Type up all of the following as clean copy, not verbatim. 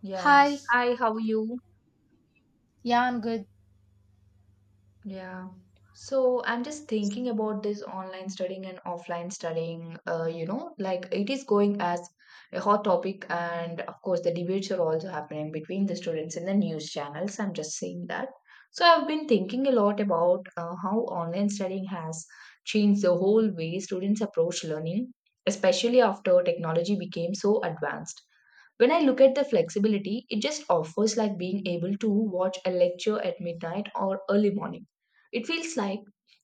Yeah. Hi, Hi, how are you? yeah, I'm good. Yeah. So I'm just thinking about this online studying and offline studying. Like it is going as a hot topic, and of course, the debates are also happening between the students in the news channels. I'm just saying that. So I've been thinking a lot about how online studying has changed the whole way students approach learning, especially after technology became so advanced. When I look at the flexibility, it just offers like being able to watch a lecture at midnight or early morning. It feels like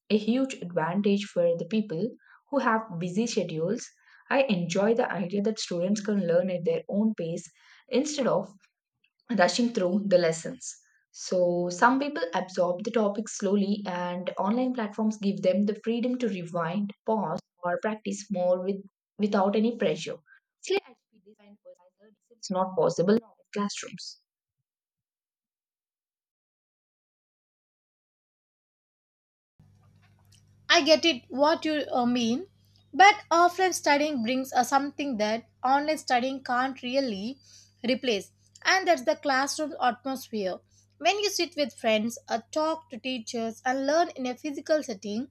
a huge advantage for the people who have busy schedules. I enjoy the idea that students can learn at their own pace instead of rushing through the lessons. So, some people absorb the topic slowly, and online platforms give them the freedom to rewind, pause, or practice without any pressure. Actually, I feel this kind of personal learning is not possible in our classrooms. I get it what you mean, but offline studying brings something that online studying can't really replace, and that's the classroom atmosphere. When you sit with friends, talk to teachers, and learn in a physical setting,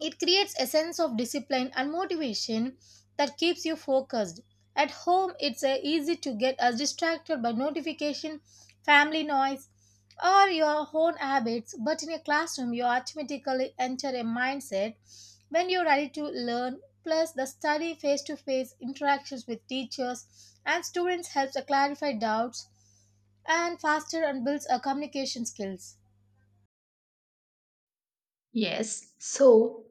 it creates a sense of discipline and motivation that keeps you focused. At home, it's easy to get distracted by notification, family noise, or your own habits, but in a classroom, you automatically enter a mindset when you're ready to learn. Plus, the study face to face interactions with teachers and students helps to clarify doubts and faster and builds a communication skills. Yes. So,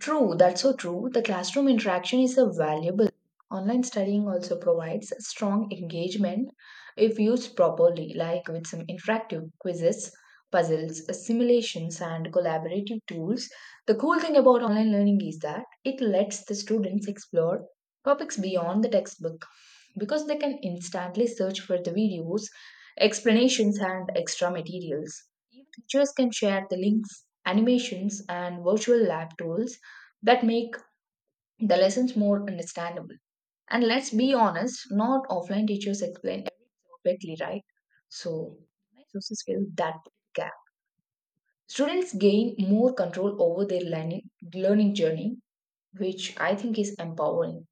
true, that's so true. The classroom interaction is a valuable. Online studying also provides strong engagement if used properly, like with some interactive quizzes, puzzles, simulations, and collaborative tools. The cool thing about online learning is that it lets the students explore topics beyond the textbook because they can instantly search for the videos, explanations, and extra materials. Even teachers can share the links, animations, and virtual lab tools that make the lessons more understandable. And let's be honest, not offline teachers explain everything perfectly, right? So online sources fill that gap. Students gain more control over their learning journey, which I think is empowering.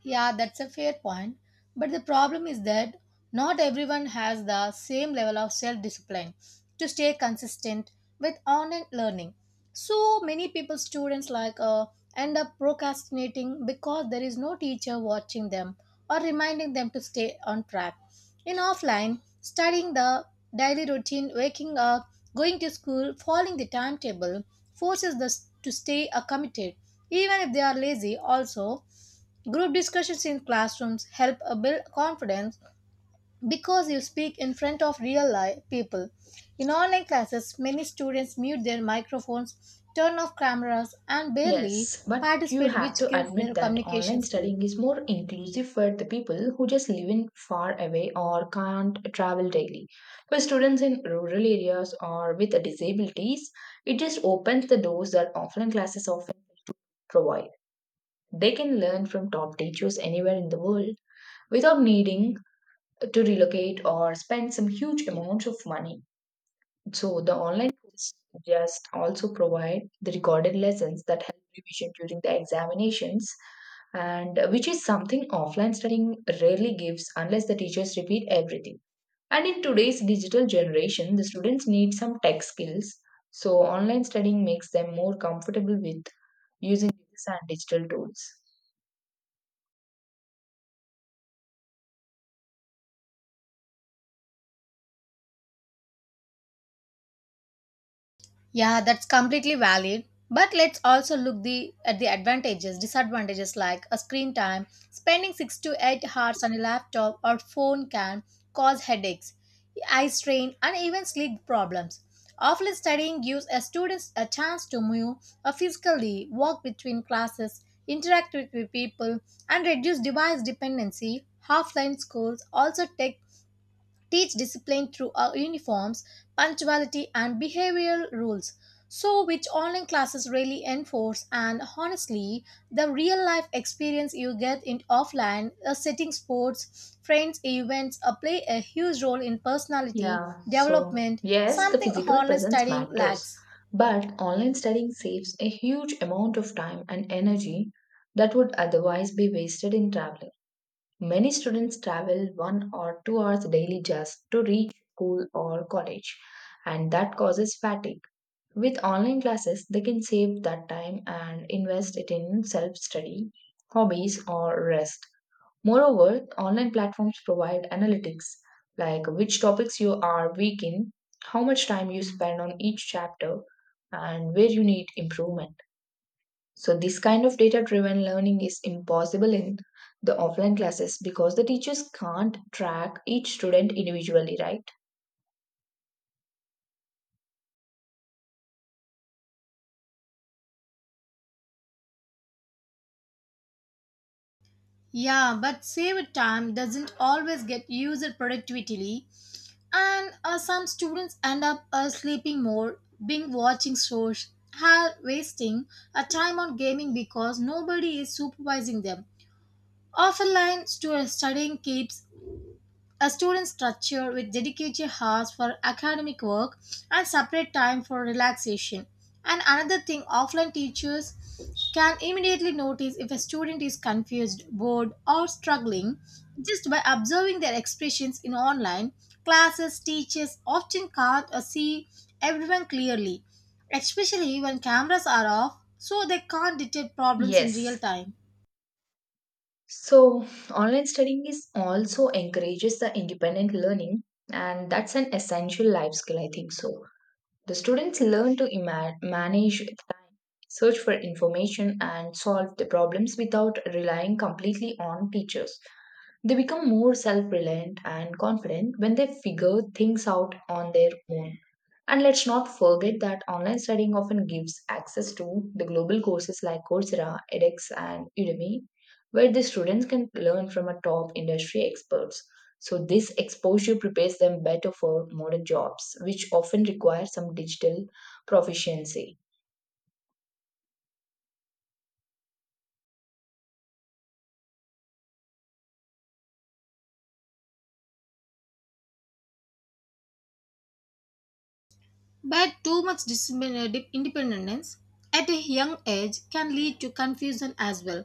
Yeah, that's a fair point. But the problem is that not everyone has the same level of self discipline to stay consistent with online learning. So many people, students like, end up procrastinating because there is no teacher watching them or reminding them to stay on track. In offline, studying the daily routine, waking up, going to school, following the timetable forces us to stay committed, even if they are lazy, also. Group discussions in classrooms help build confidence because you speak in front of real life people. In online classes, many students mute their microphones, turn off cameras, and barely Yes, but you participate, have which to kills their admit that communication online skills. studying is more inclusive for the people who just live in far away or can't travel daily. For students in rural areas or with disabilities, it just opens the doors that offline classes often provide. They can learn from top teachers anywhere in the world without needing to relocate or spend some huge amounts of money. So the online courses just also provide the recorded lessons that help revision during the examinations and which is something offline studying rarely gives unless the teachers repeat everything. And in today's digital generation, the students need some tech skills. So online studying makes them more comfortable with using this and digital tools. Yeah, that's completely valid. But let's also look the at the advantages, disadvantages like a screen time. Spending 6 to 8 hours on a laptop or phone can cause headaches, eye strain, and even sleep problems. Offline studying gives a students a chance to move or physically walk between classes, interact with people, and reduce device dependency. Offline schools also take teach discipline through our uniforms, punctuality, and behavioral rules. So, which online classes really enforce, and honestly, the real life experience you get in offline, setting sports, friends, events play a huge role in personality Yeah, so development, yes, the something physical online presence studying matters, lacks. but online studying saves a huge amount of time and energy that would otherwise be wasted in traveling. Many students travel 1 or 2 hours daily just to reach school or college, and that causes fatigue. With online classes, they can save that time and invest it in self study, hobbies, or rest. Moreover, online platforms provide analytics like which topics you are weak in, how much time you spend on each chapter, and where you need improvement. So, this kind of data driven learning is impossible in the offline classes because the teachers can't track each student individually, right? Yeah, but saved time doesn't always get used productively, and some students end up sleeping more, being watching shows, have wasting a time on gaming because nobody is supervising them. Studying keeps a student structure with dedicated hours for academic work and separate time for relaxation. And another thing, offline teachers can immediately notice if a student is confused, bored, or struggling just by observing their expressions in online classes. Teachers often can't see everyone clearly, especially when cameras are off, so they can't detect problems in real Yes. time. So, online studying is also encourages the independent learning, and that's an essential life skill, I think so. The students learn to manage time, search for information, and solve the problems without relying completely on teachers. They become more self reliant and confident when they figure things out on their own. And let's not forget that online studying often gives access to the global courses like Coursera, edX, and Udemy, where the students can learn from a top industry experts. So this exposure prepares them better for modern jobs, which often require some digital proficiency. But too much independence at a young age can lead to confusion as well.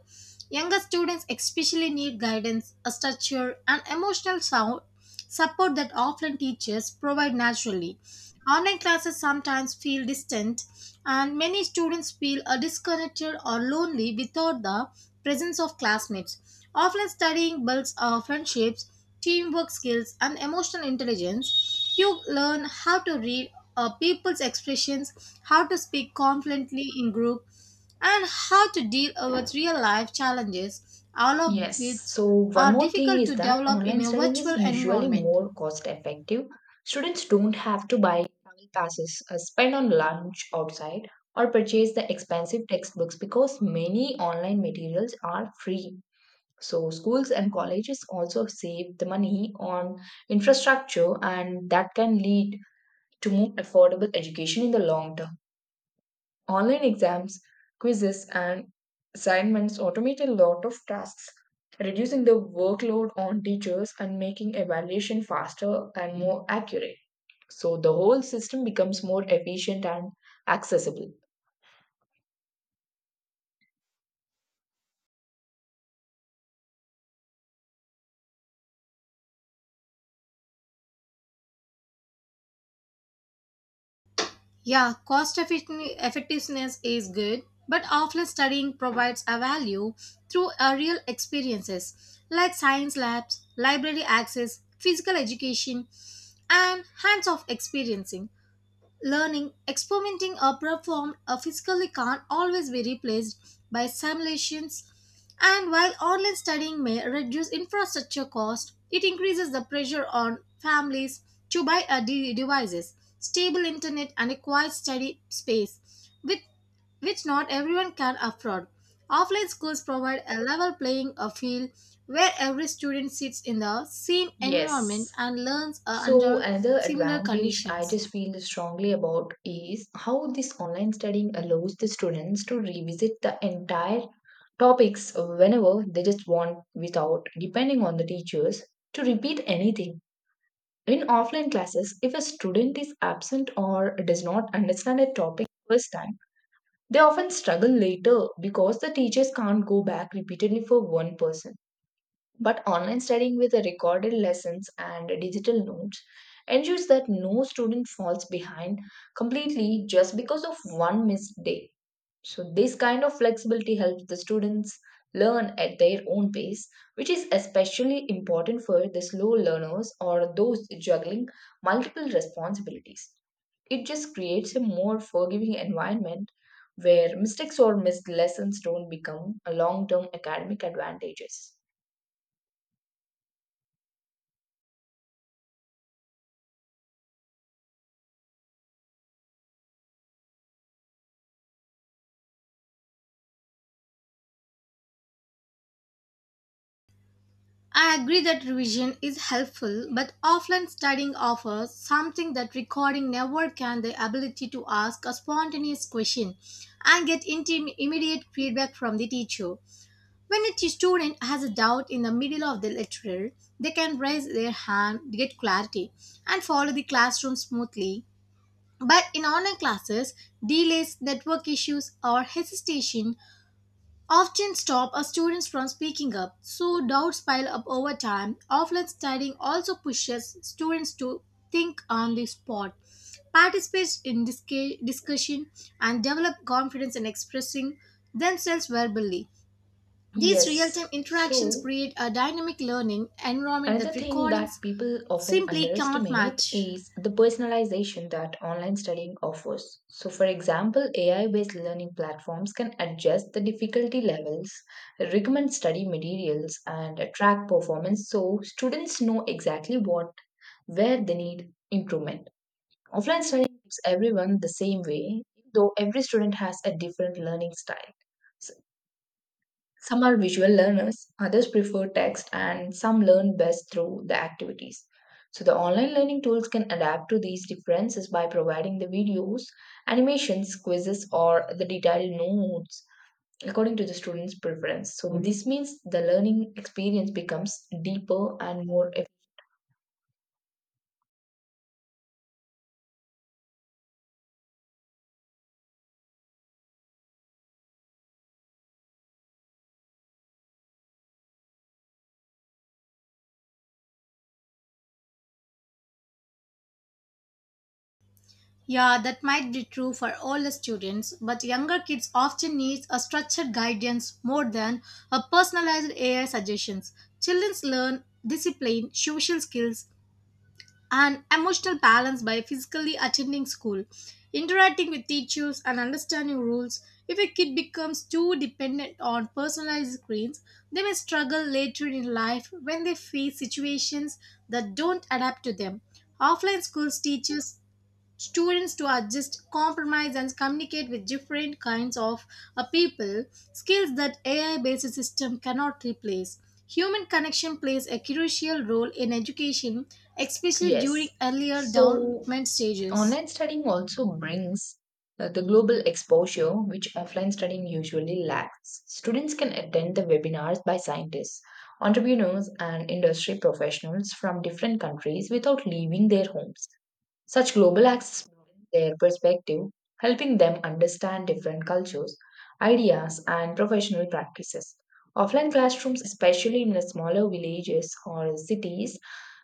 Younger students especially need guidance, a structure, and emotional sound support that offline teachers provide naturally. Online classes sometimes feel distant and many students feel disconnected or lonely without the presence of classmates. Offline studying builds friendships, teamwork skills, and emotional intelligence. You learn how to read people's expressions, how to speak confidently in group, and how to deal with real life challenges, all of Yes. which So, one are more thing difficult is to that develop in online a studying is virtual usually environment. more cost effective. Students don't have to buy travel passes, spend on lunch outside, or purchase the expensive textbooks because many online materials are free. So, schools and colleges also save the money on infrastructure, and that can lead to more affordable education in the long term. Online exams, quizzes, and assignments automate a lot of tasks, reducing the workload on teachers and making evaluation faster and more accurate. So the whole system becomes more efficient and accessible. Yeah, effectiveness is good, but offline studying provides a value through a real experiences like science labs, library access, physical education, and hands-off experiencing learning, experimenting, or performed physically can't always be replaced by simulations. And while online studying may reduce infrastructure cost, it increases the pressure on families to buy devices, stable internet, and a quiet study space, with which not everyone can afford. Offline schools provide a level playing a field where every student sits in the same environment Yes. and learns So, under another similar advantage I conditions. just feel strongly about is how this online studying allows the students to revisit the entire topics whenever they just want without depending on the teachers to repeat anything. In offline classes, if a student is absent or does not understand a topic first time, they often struggle later because the teachers can't go back repeatedly for one person. But online studying with the recorded lessons and digital notes ensures that no student falls behind completely just because of one missed day. So, this kind of flexibility helps the students learn at their own pace, which is especially important for the slow learners or those juggling multiple responsibilities. It just creates a more forgiving environment where mistakes or missed lessons don't become a long term academic advantages. I agree that revision is helpful, but offline studying offers something that recording never can the ability to ask a spontaneous question and get immediate feedback from the teacher. When student has a doubt in the middle of the lecture, they can raise their hand, get clarity, and follow the classroom smoothly. But in online classes, delays, network issues, or hesitation often stop a student from speaking up, so doubts pile up over time. Offline studying also pushes students to think on the spot, participate in discussion, and develop confidence in expressing themselves verbally. These real Yes. time interactions So, create a dynamic learning environment that another thing that recordings people often simply can't underestimate match. is the personalization that online studying offers. So, for example, AI based learning platforms can adjust the difficulty levels, recommend study materials, and track performance so students know exactly what where they need improvement. Offline studying gives everyone the same way, though every student has a different learning style. Some are visual learners, others prefer text, and some learn best through the activities. So, the online learning tools can adapt to these differences by providing the videos, animations, quizzes, or the detailed notes according to the student's preference. So, this means the learning experience becomes deeper and more. Yeah, that might be true for all the students, but younger kids often need a structured guidance more than a personalized AI suggestions. Children learn discipline, social skills, and emotional balance by physically attending school, interacting with teachers, and understanding rules. If a kid becomes too dependent on personalized screens, they may struggle later in life when they face situations that don't adapt to them. Offline schools teaches students to adjust, compromise, and communicate with different kinds of people, skills that AI based system cannot replace. Human connection plays a crucial role in education, especially during Yes. earlier So development stages. online studying also brings the global exposure which offline studying usually lacks. Students can attend the webinars by scientists, entrepreneurs, and industry professionals from different countries without leaving their homes. Such global access broadens their perspective, helping them understand different cultures, ideas, and professional practices. Offline classrooms, especially in the smaller villages or cities,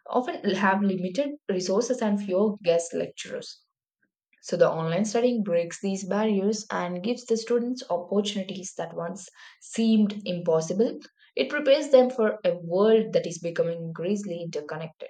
often have limited resources and fewer guest lecturers. So the online studying breaks these barriers and gives the students opportunities that once seemed impossible. It prepares them for a world that is becoming increasingly interconnected.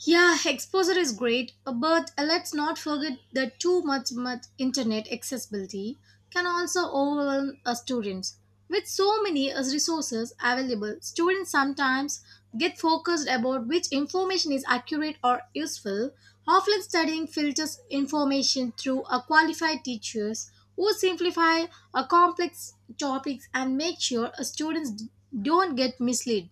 Yeah, exposure is great, but let's not forget that much internet accessibility can also overwhelm students. With so many resources available, students sometimes get focused about which information is accurate or useful. Offline studying filters information through a qualified teachers who simplify a complex topics and make sure students don't get misled.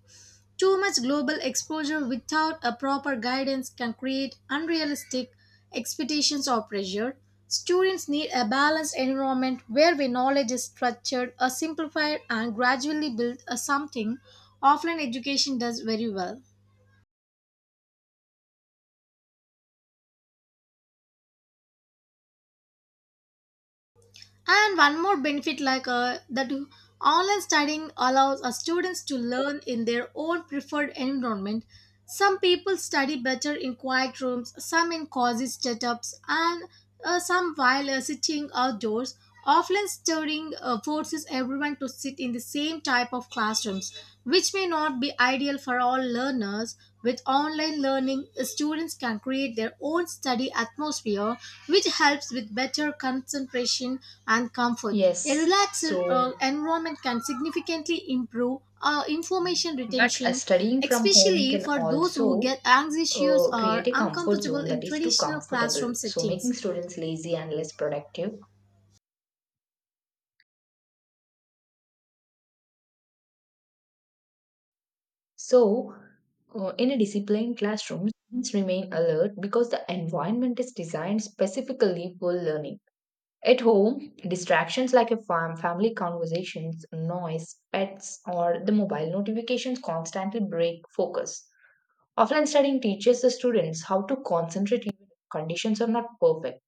Too much global exposure without a proper guidance can create unrealistic expectations or pressure. Students need a balanced environment where their knowledge is structured, or simplified, and gradually built as something offline education does very well. And one more benefit like that online studying allows students to learn in their own preferred environment. Some people study better in quiet rooms, some in cozy setups, and some while sitting outdoors. Offline studying forces everyone to sit in the same type of classrooms, which may not be ideal material for all learners. With online learning, students can create their own study atmosphere, which helps with better concentration and comfort. A Yes, relaxed so environment can significantly improve information but retention, studying from home especially can for those who also get anxious or create a comfort uncomfortable zone in that is too traditional comfortable, classroom so settings. making students lazy and less productive. So, in a disciplined classroom, students remain alert because the environment is designed specifically for learning. At home, distractions like a family conversations, noise, pets, or the mobile notifications constantly break focus. Offline studying teaches the students how to concentrate even if conditions are not perfect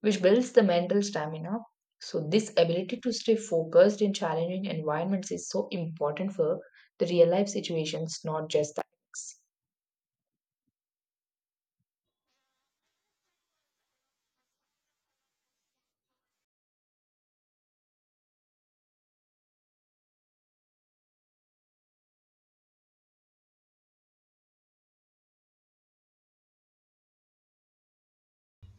which builds the mental stamina. So, this ability to stay focused in challenging environments is so important for the real life situations, not just the academics.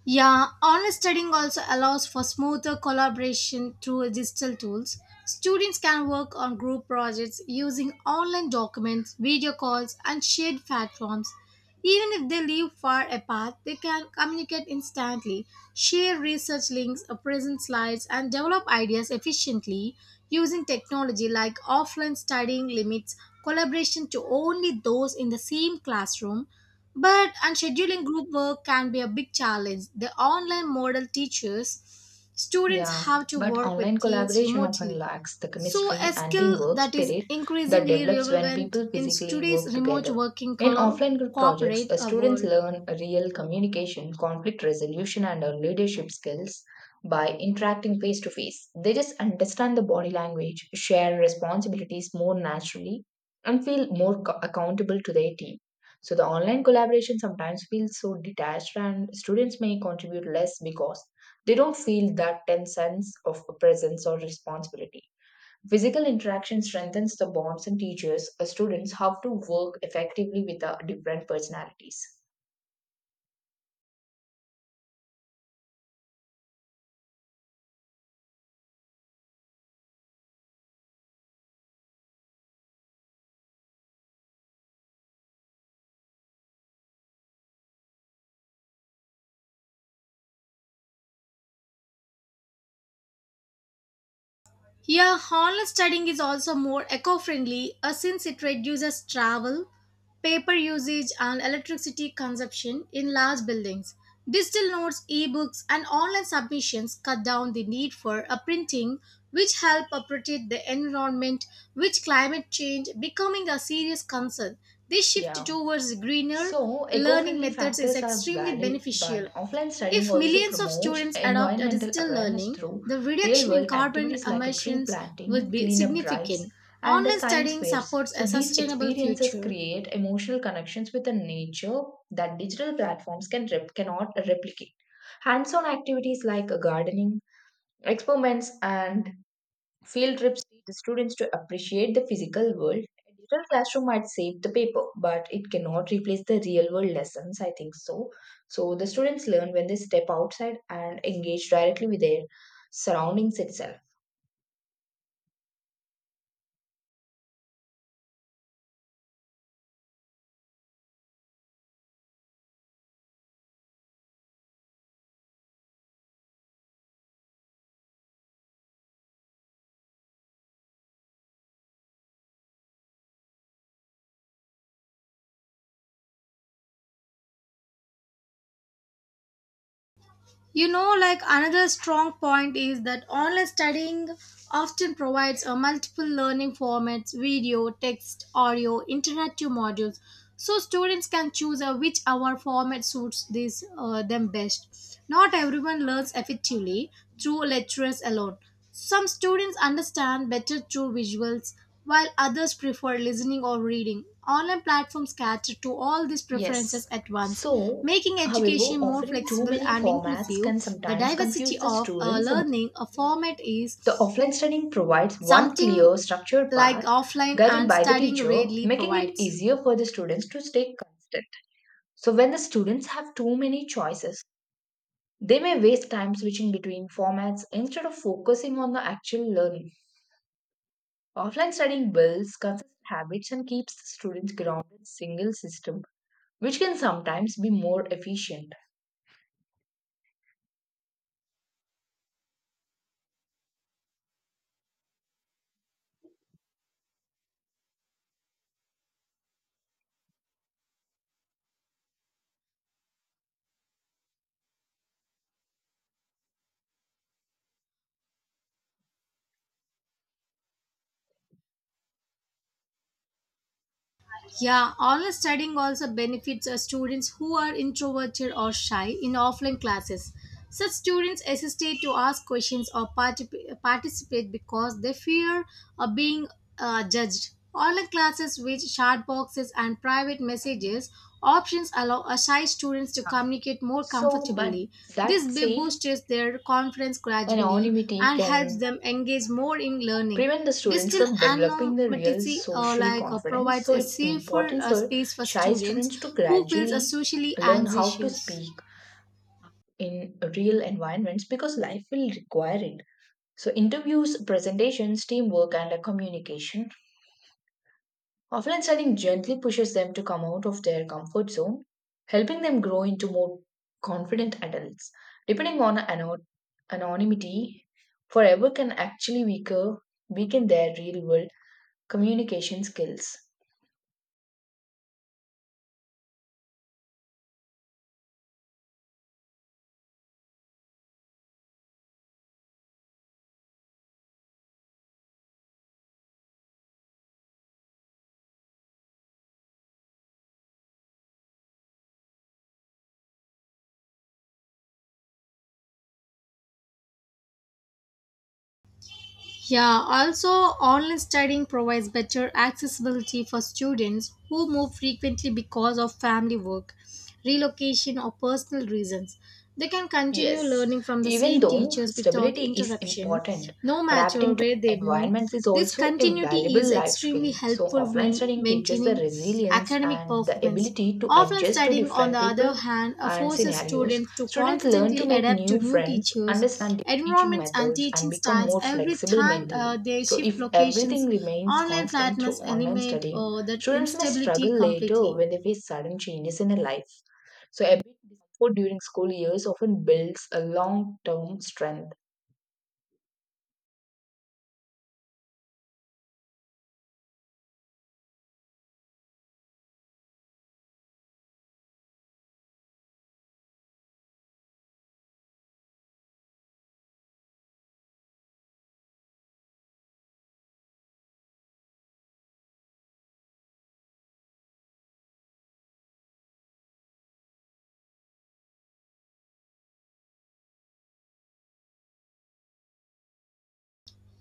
Yeah, online studying also allows for smoother collaboration through digital tools. Students can work on group projects using online documents, video calls, and shared platforms. Even if they live far apart, they can communicate instantly, share research links, present slides, and develop ideas efficiently using technology like offline studying limits collaboration to only those in the same classroom but and scheduling group work can be a big challenge. The online model teaches students Yeah, how to but work with online teams collaboration often remotely. lacks the So a chemistry and skill teamwork that is spirit that increasingly develops when relevant people in physically today's work remote together. working In offline group projects, corporate students world. learn real communication, conflict resolution, and leadership skills by interacting face to face. They just understand the body language, share responsibilities more naturally, and feel more accountable to their team. So, the online collaboration sometimes feels so detached, and students may contribute less because they don't feel that tense sense of presence or responsibility. Physical interaction strengthens the bonds and teaches students how to work effectively with different personalities. Here, online studying is also more eco friendly since it reduces travel, paper usage, and electricity consumption in large buildings. Digital notes, ebooks, and online submissions cut down the need for a printing, which help protect the environment, with climate change becoming a serious concern. This shift Yeah. towards greener So, eco learning friendly methods is factors are extremely valid, but beneficial. offline studying If also millions of promotes students adopt a environmental digital awareness learning, through the real reduction in world carbon activities like a tree emissions planting, would be cleanup drives, significant. and a Online science studying fairs. supports So, a these sustainable experiences future. create emotional connections with the nature that digital platforms can cannot replicate. Hands on activities like gardening, experiments, and field trips teach the students to appreciate the physical world. A digital classroom might save the paper, but it cannot replace the real world lessons, I think so. So the students learn when they step outside and engage directly with their surroundings itself. You know, like another strong point is that online studying often provides a multiple learning formats video, text, audio, interactive modules. So students can choose which hour format suits them best. Not everyone learns effectively through lectures alone. Some students understand better through visuals, while others prefer listening or reading. Online platforms cater to all these preferences Yes. at once, So, making however, education more offering too flexible many and formats inclusive. can The sometimes diversity confuse the of a students about learning a which method to format follow. The is offline studying provides one something clear, structured like path offline guided and by the studying teacher, rarely making it provides. easier for the students to stay consistent. So when the students have too many choices, they may waste time switching between formats instead of focusing on the actual learning. Offline studying builds consistent habits and keeps the students grounded in a single system, which can sometimes be more efficient. Yeah, online studying also benefits students who are introverted or shy in offline classes. Such students hesitate to ask questions or participate because they fear of being judged. Online classes with chat boxes and private messages options allow shy students to communicate more So, but comfortably. This that b- same boosts their confidence gradually anonymity and helps can them engage more in learning. prevent the students Digital from developing the real anonymity social confidence. provides So, a it's safer important for space for shy students students to who feels gradually socially learn how to anxious. speak in real environments because life will require it. So, interviews, presentations, teamwork, and a communication. Offline studying gently pushes them to come out of their comfort zone, helping them grow into more confident adults. Depending on anonymity, forever can actually weaken their real world communication skills. Yeah, also online studying provides better accessibility for students who move frequently because of family work, relocation or personal reasons. They can continue Yes, learning from the even same though teachers without stability is interruption, important, no matter adapting to where they move. environments is This also a continuity valuable is life skill. extremely So, helpful offline when studying teaches the maintaining resilience academic and the performance. ability to Offline adjust to studying, on the different other people hand, and forces scenarios. students to Students learn constantly to make adapt to new new friends, teachers, understand different teaching environments, and methods, and teaching become styles. more Every flexible time mentally. they So, shift if everything locations, remains online constant platforms through online eliminate studying, that students may instability struggle later completely. when they face sudden changes in their life. So a bit discomfort during school years often builds a long-term strength.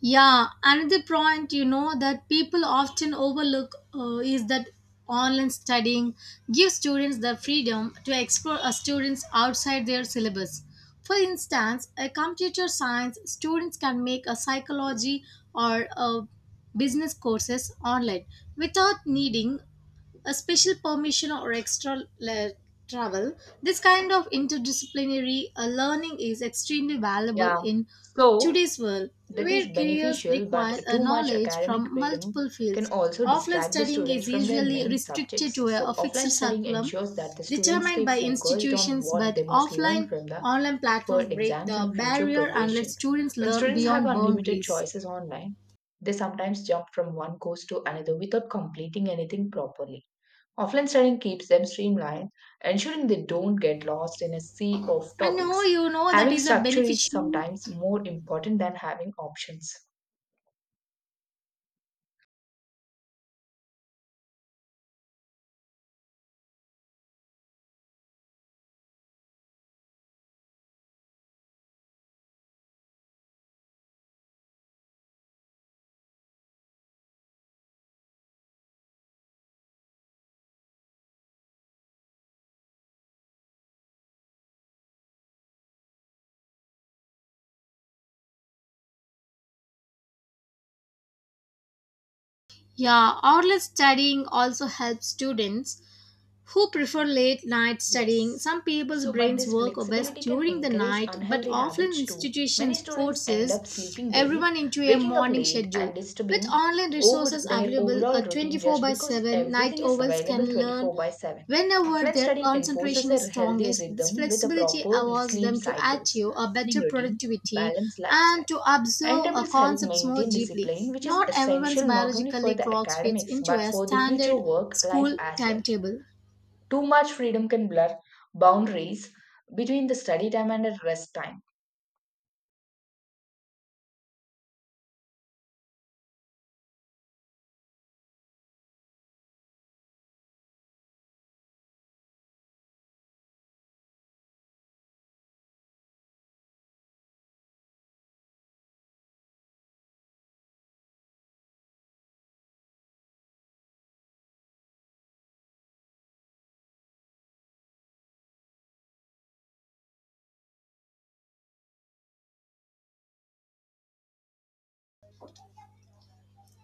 Yeah, another point you know that people often overlook is that online studying gives students the freedom to explore students outside their syllabus. For instance, a computer science students can make a psychology or a business courses online without needing a special permission or extra travel. This kind of interdisciplinary learning is extremely valuable Yeah. in So today's world, that is where careers beneficial, but require a too much knowledge academic from freedom multiple can fields. also Offline distract the studying students is from their usually main restricted subjects. to a So offline fixed studying curriculum ensures that the students determined stay by focused on institutions, what but they must learn offline from the online for platforms break exams the and future barrier and let progression. students When learn students have beyond unlimited boundaries. choices online, they sometimes jump from one course to another without completing anything properly. Offline studying keeps them streamlined, ensuring they don't get lost in a sea of I know topics. you know that Having is a structure is beneficial. sometimes more important than having options. Yeah, online studying also helps students who prefer late night studying. Yes. Some people's So, but brains this work best flexibility can during the encourage night, but unhealthy often habits too. Many institutions students end up forces sleeping late, everyone into a waking up morning late, and schedule. With disturbing online over resources their available overall routine 24 just by because 7, night everything is owls available can learn 24 by 7. whenever Offline their studying concentration enforces is a healthy strongest. This rhythm with a flexibility proper allows sleep them to cycles, achieve a morning better routine, productivity balanced lifestyle. and to observe Timetables help concepts more maintain deeply. discipline, which is Not everyone's essential not only for biologically the clocks fits academics into but a for the future standard work life school as well. timetable. Too much freedom can blur boundaries between the study time and the rest time.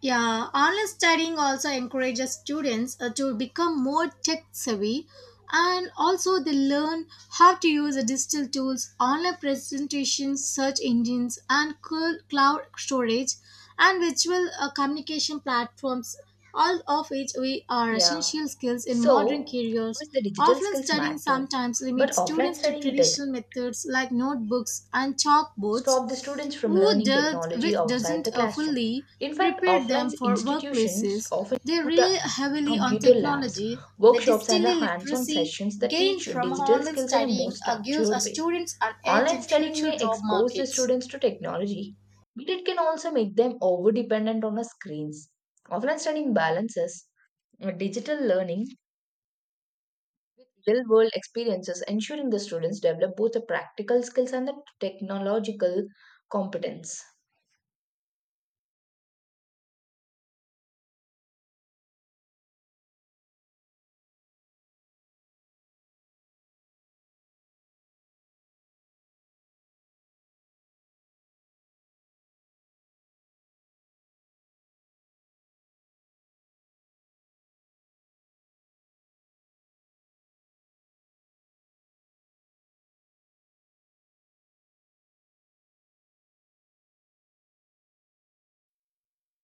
Yeah, online studying also encourages students to become more tech savvy and also they learn how to use the digital tools, online presentations, search engines, and cloud storage and virtual communication platforms, all of which we are Yeah. essential skills in modern So, of careers. course, the digital Offline skills studying matter, sometimes but limits offline students to studying does traditional not methods like notebooks and stop the chalkboards students from who learning does, technology which outside doesn't the classroom. fully In fact, prepare offline them for institutions workplaces. often They do the rely heavily on computer labs, technology. The workshops, digital and the hands on literacy sessions that gained teach from digital online skills in a more studying gives our structured way. students an edge Online in studying future may job expose the markets. students to technology, but it can also make them over dependent on the screens. Offline studying balances digital learning with real world experiences, ensuring the students develop both the practical skills and the technological competence.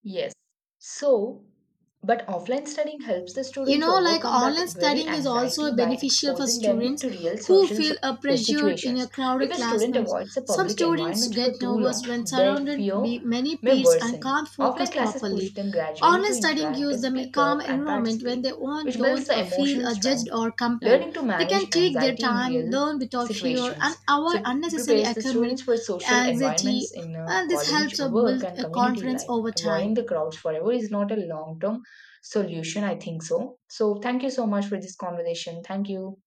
Yes. So, but offline studying helps the You students know like overcome that online very studying is anxiety also by beneficial for exposing them students to real who feel pressured in situations. a crowded If a student classrooms avoids the some public students environment for get too nervous long, when their surrounded by fear many may peers and worsen. can't focus Offline classes properly push them gradually online to studying interact, gives them a speak calm up, and environment when participate, they which builds don't the feel emotional judged strength. or compared Learning to they can manage take their anxiety in time real learn without fear and situations avoid so unnecessary prepares the academic students for social environments anxiety in and this college, helps work, build and a community confidence life. over Avoiding time. the crowds forever is not a long term solution, I think so. So thank you so much for this conversation. Thank you.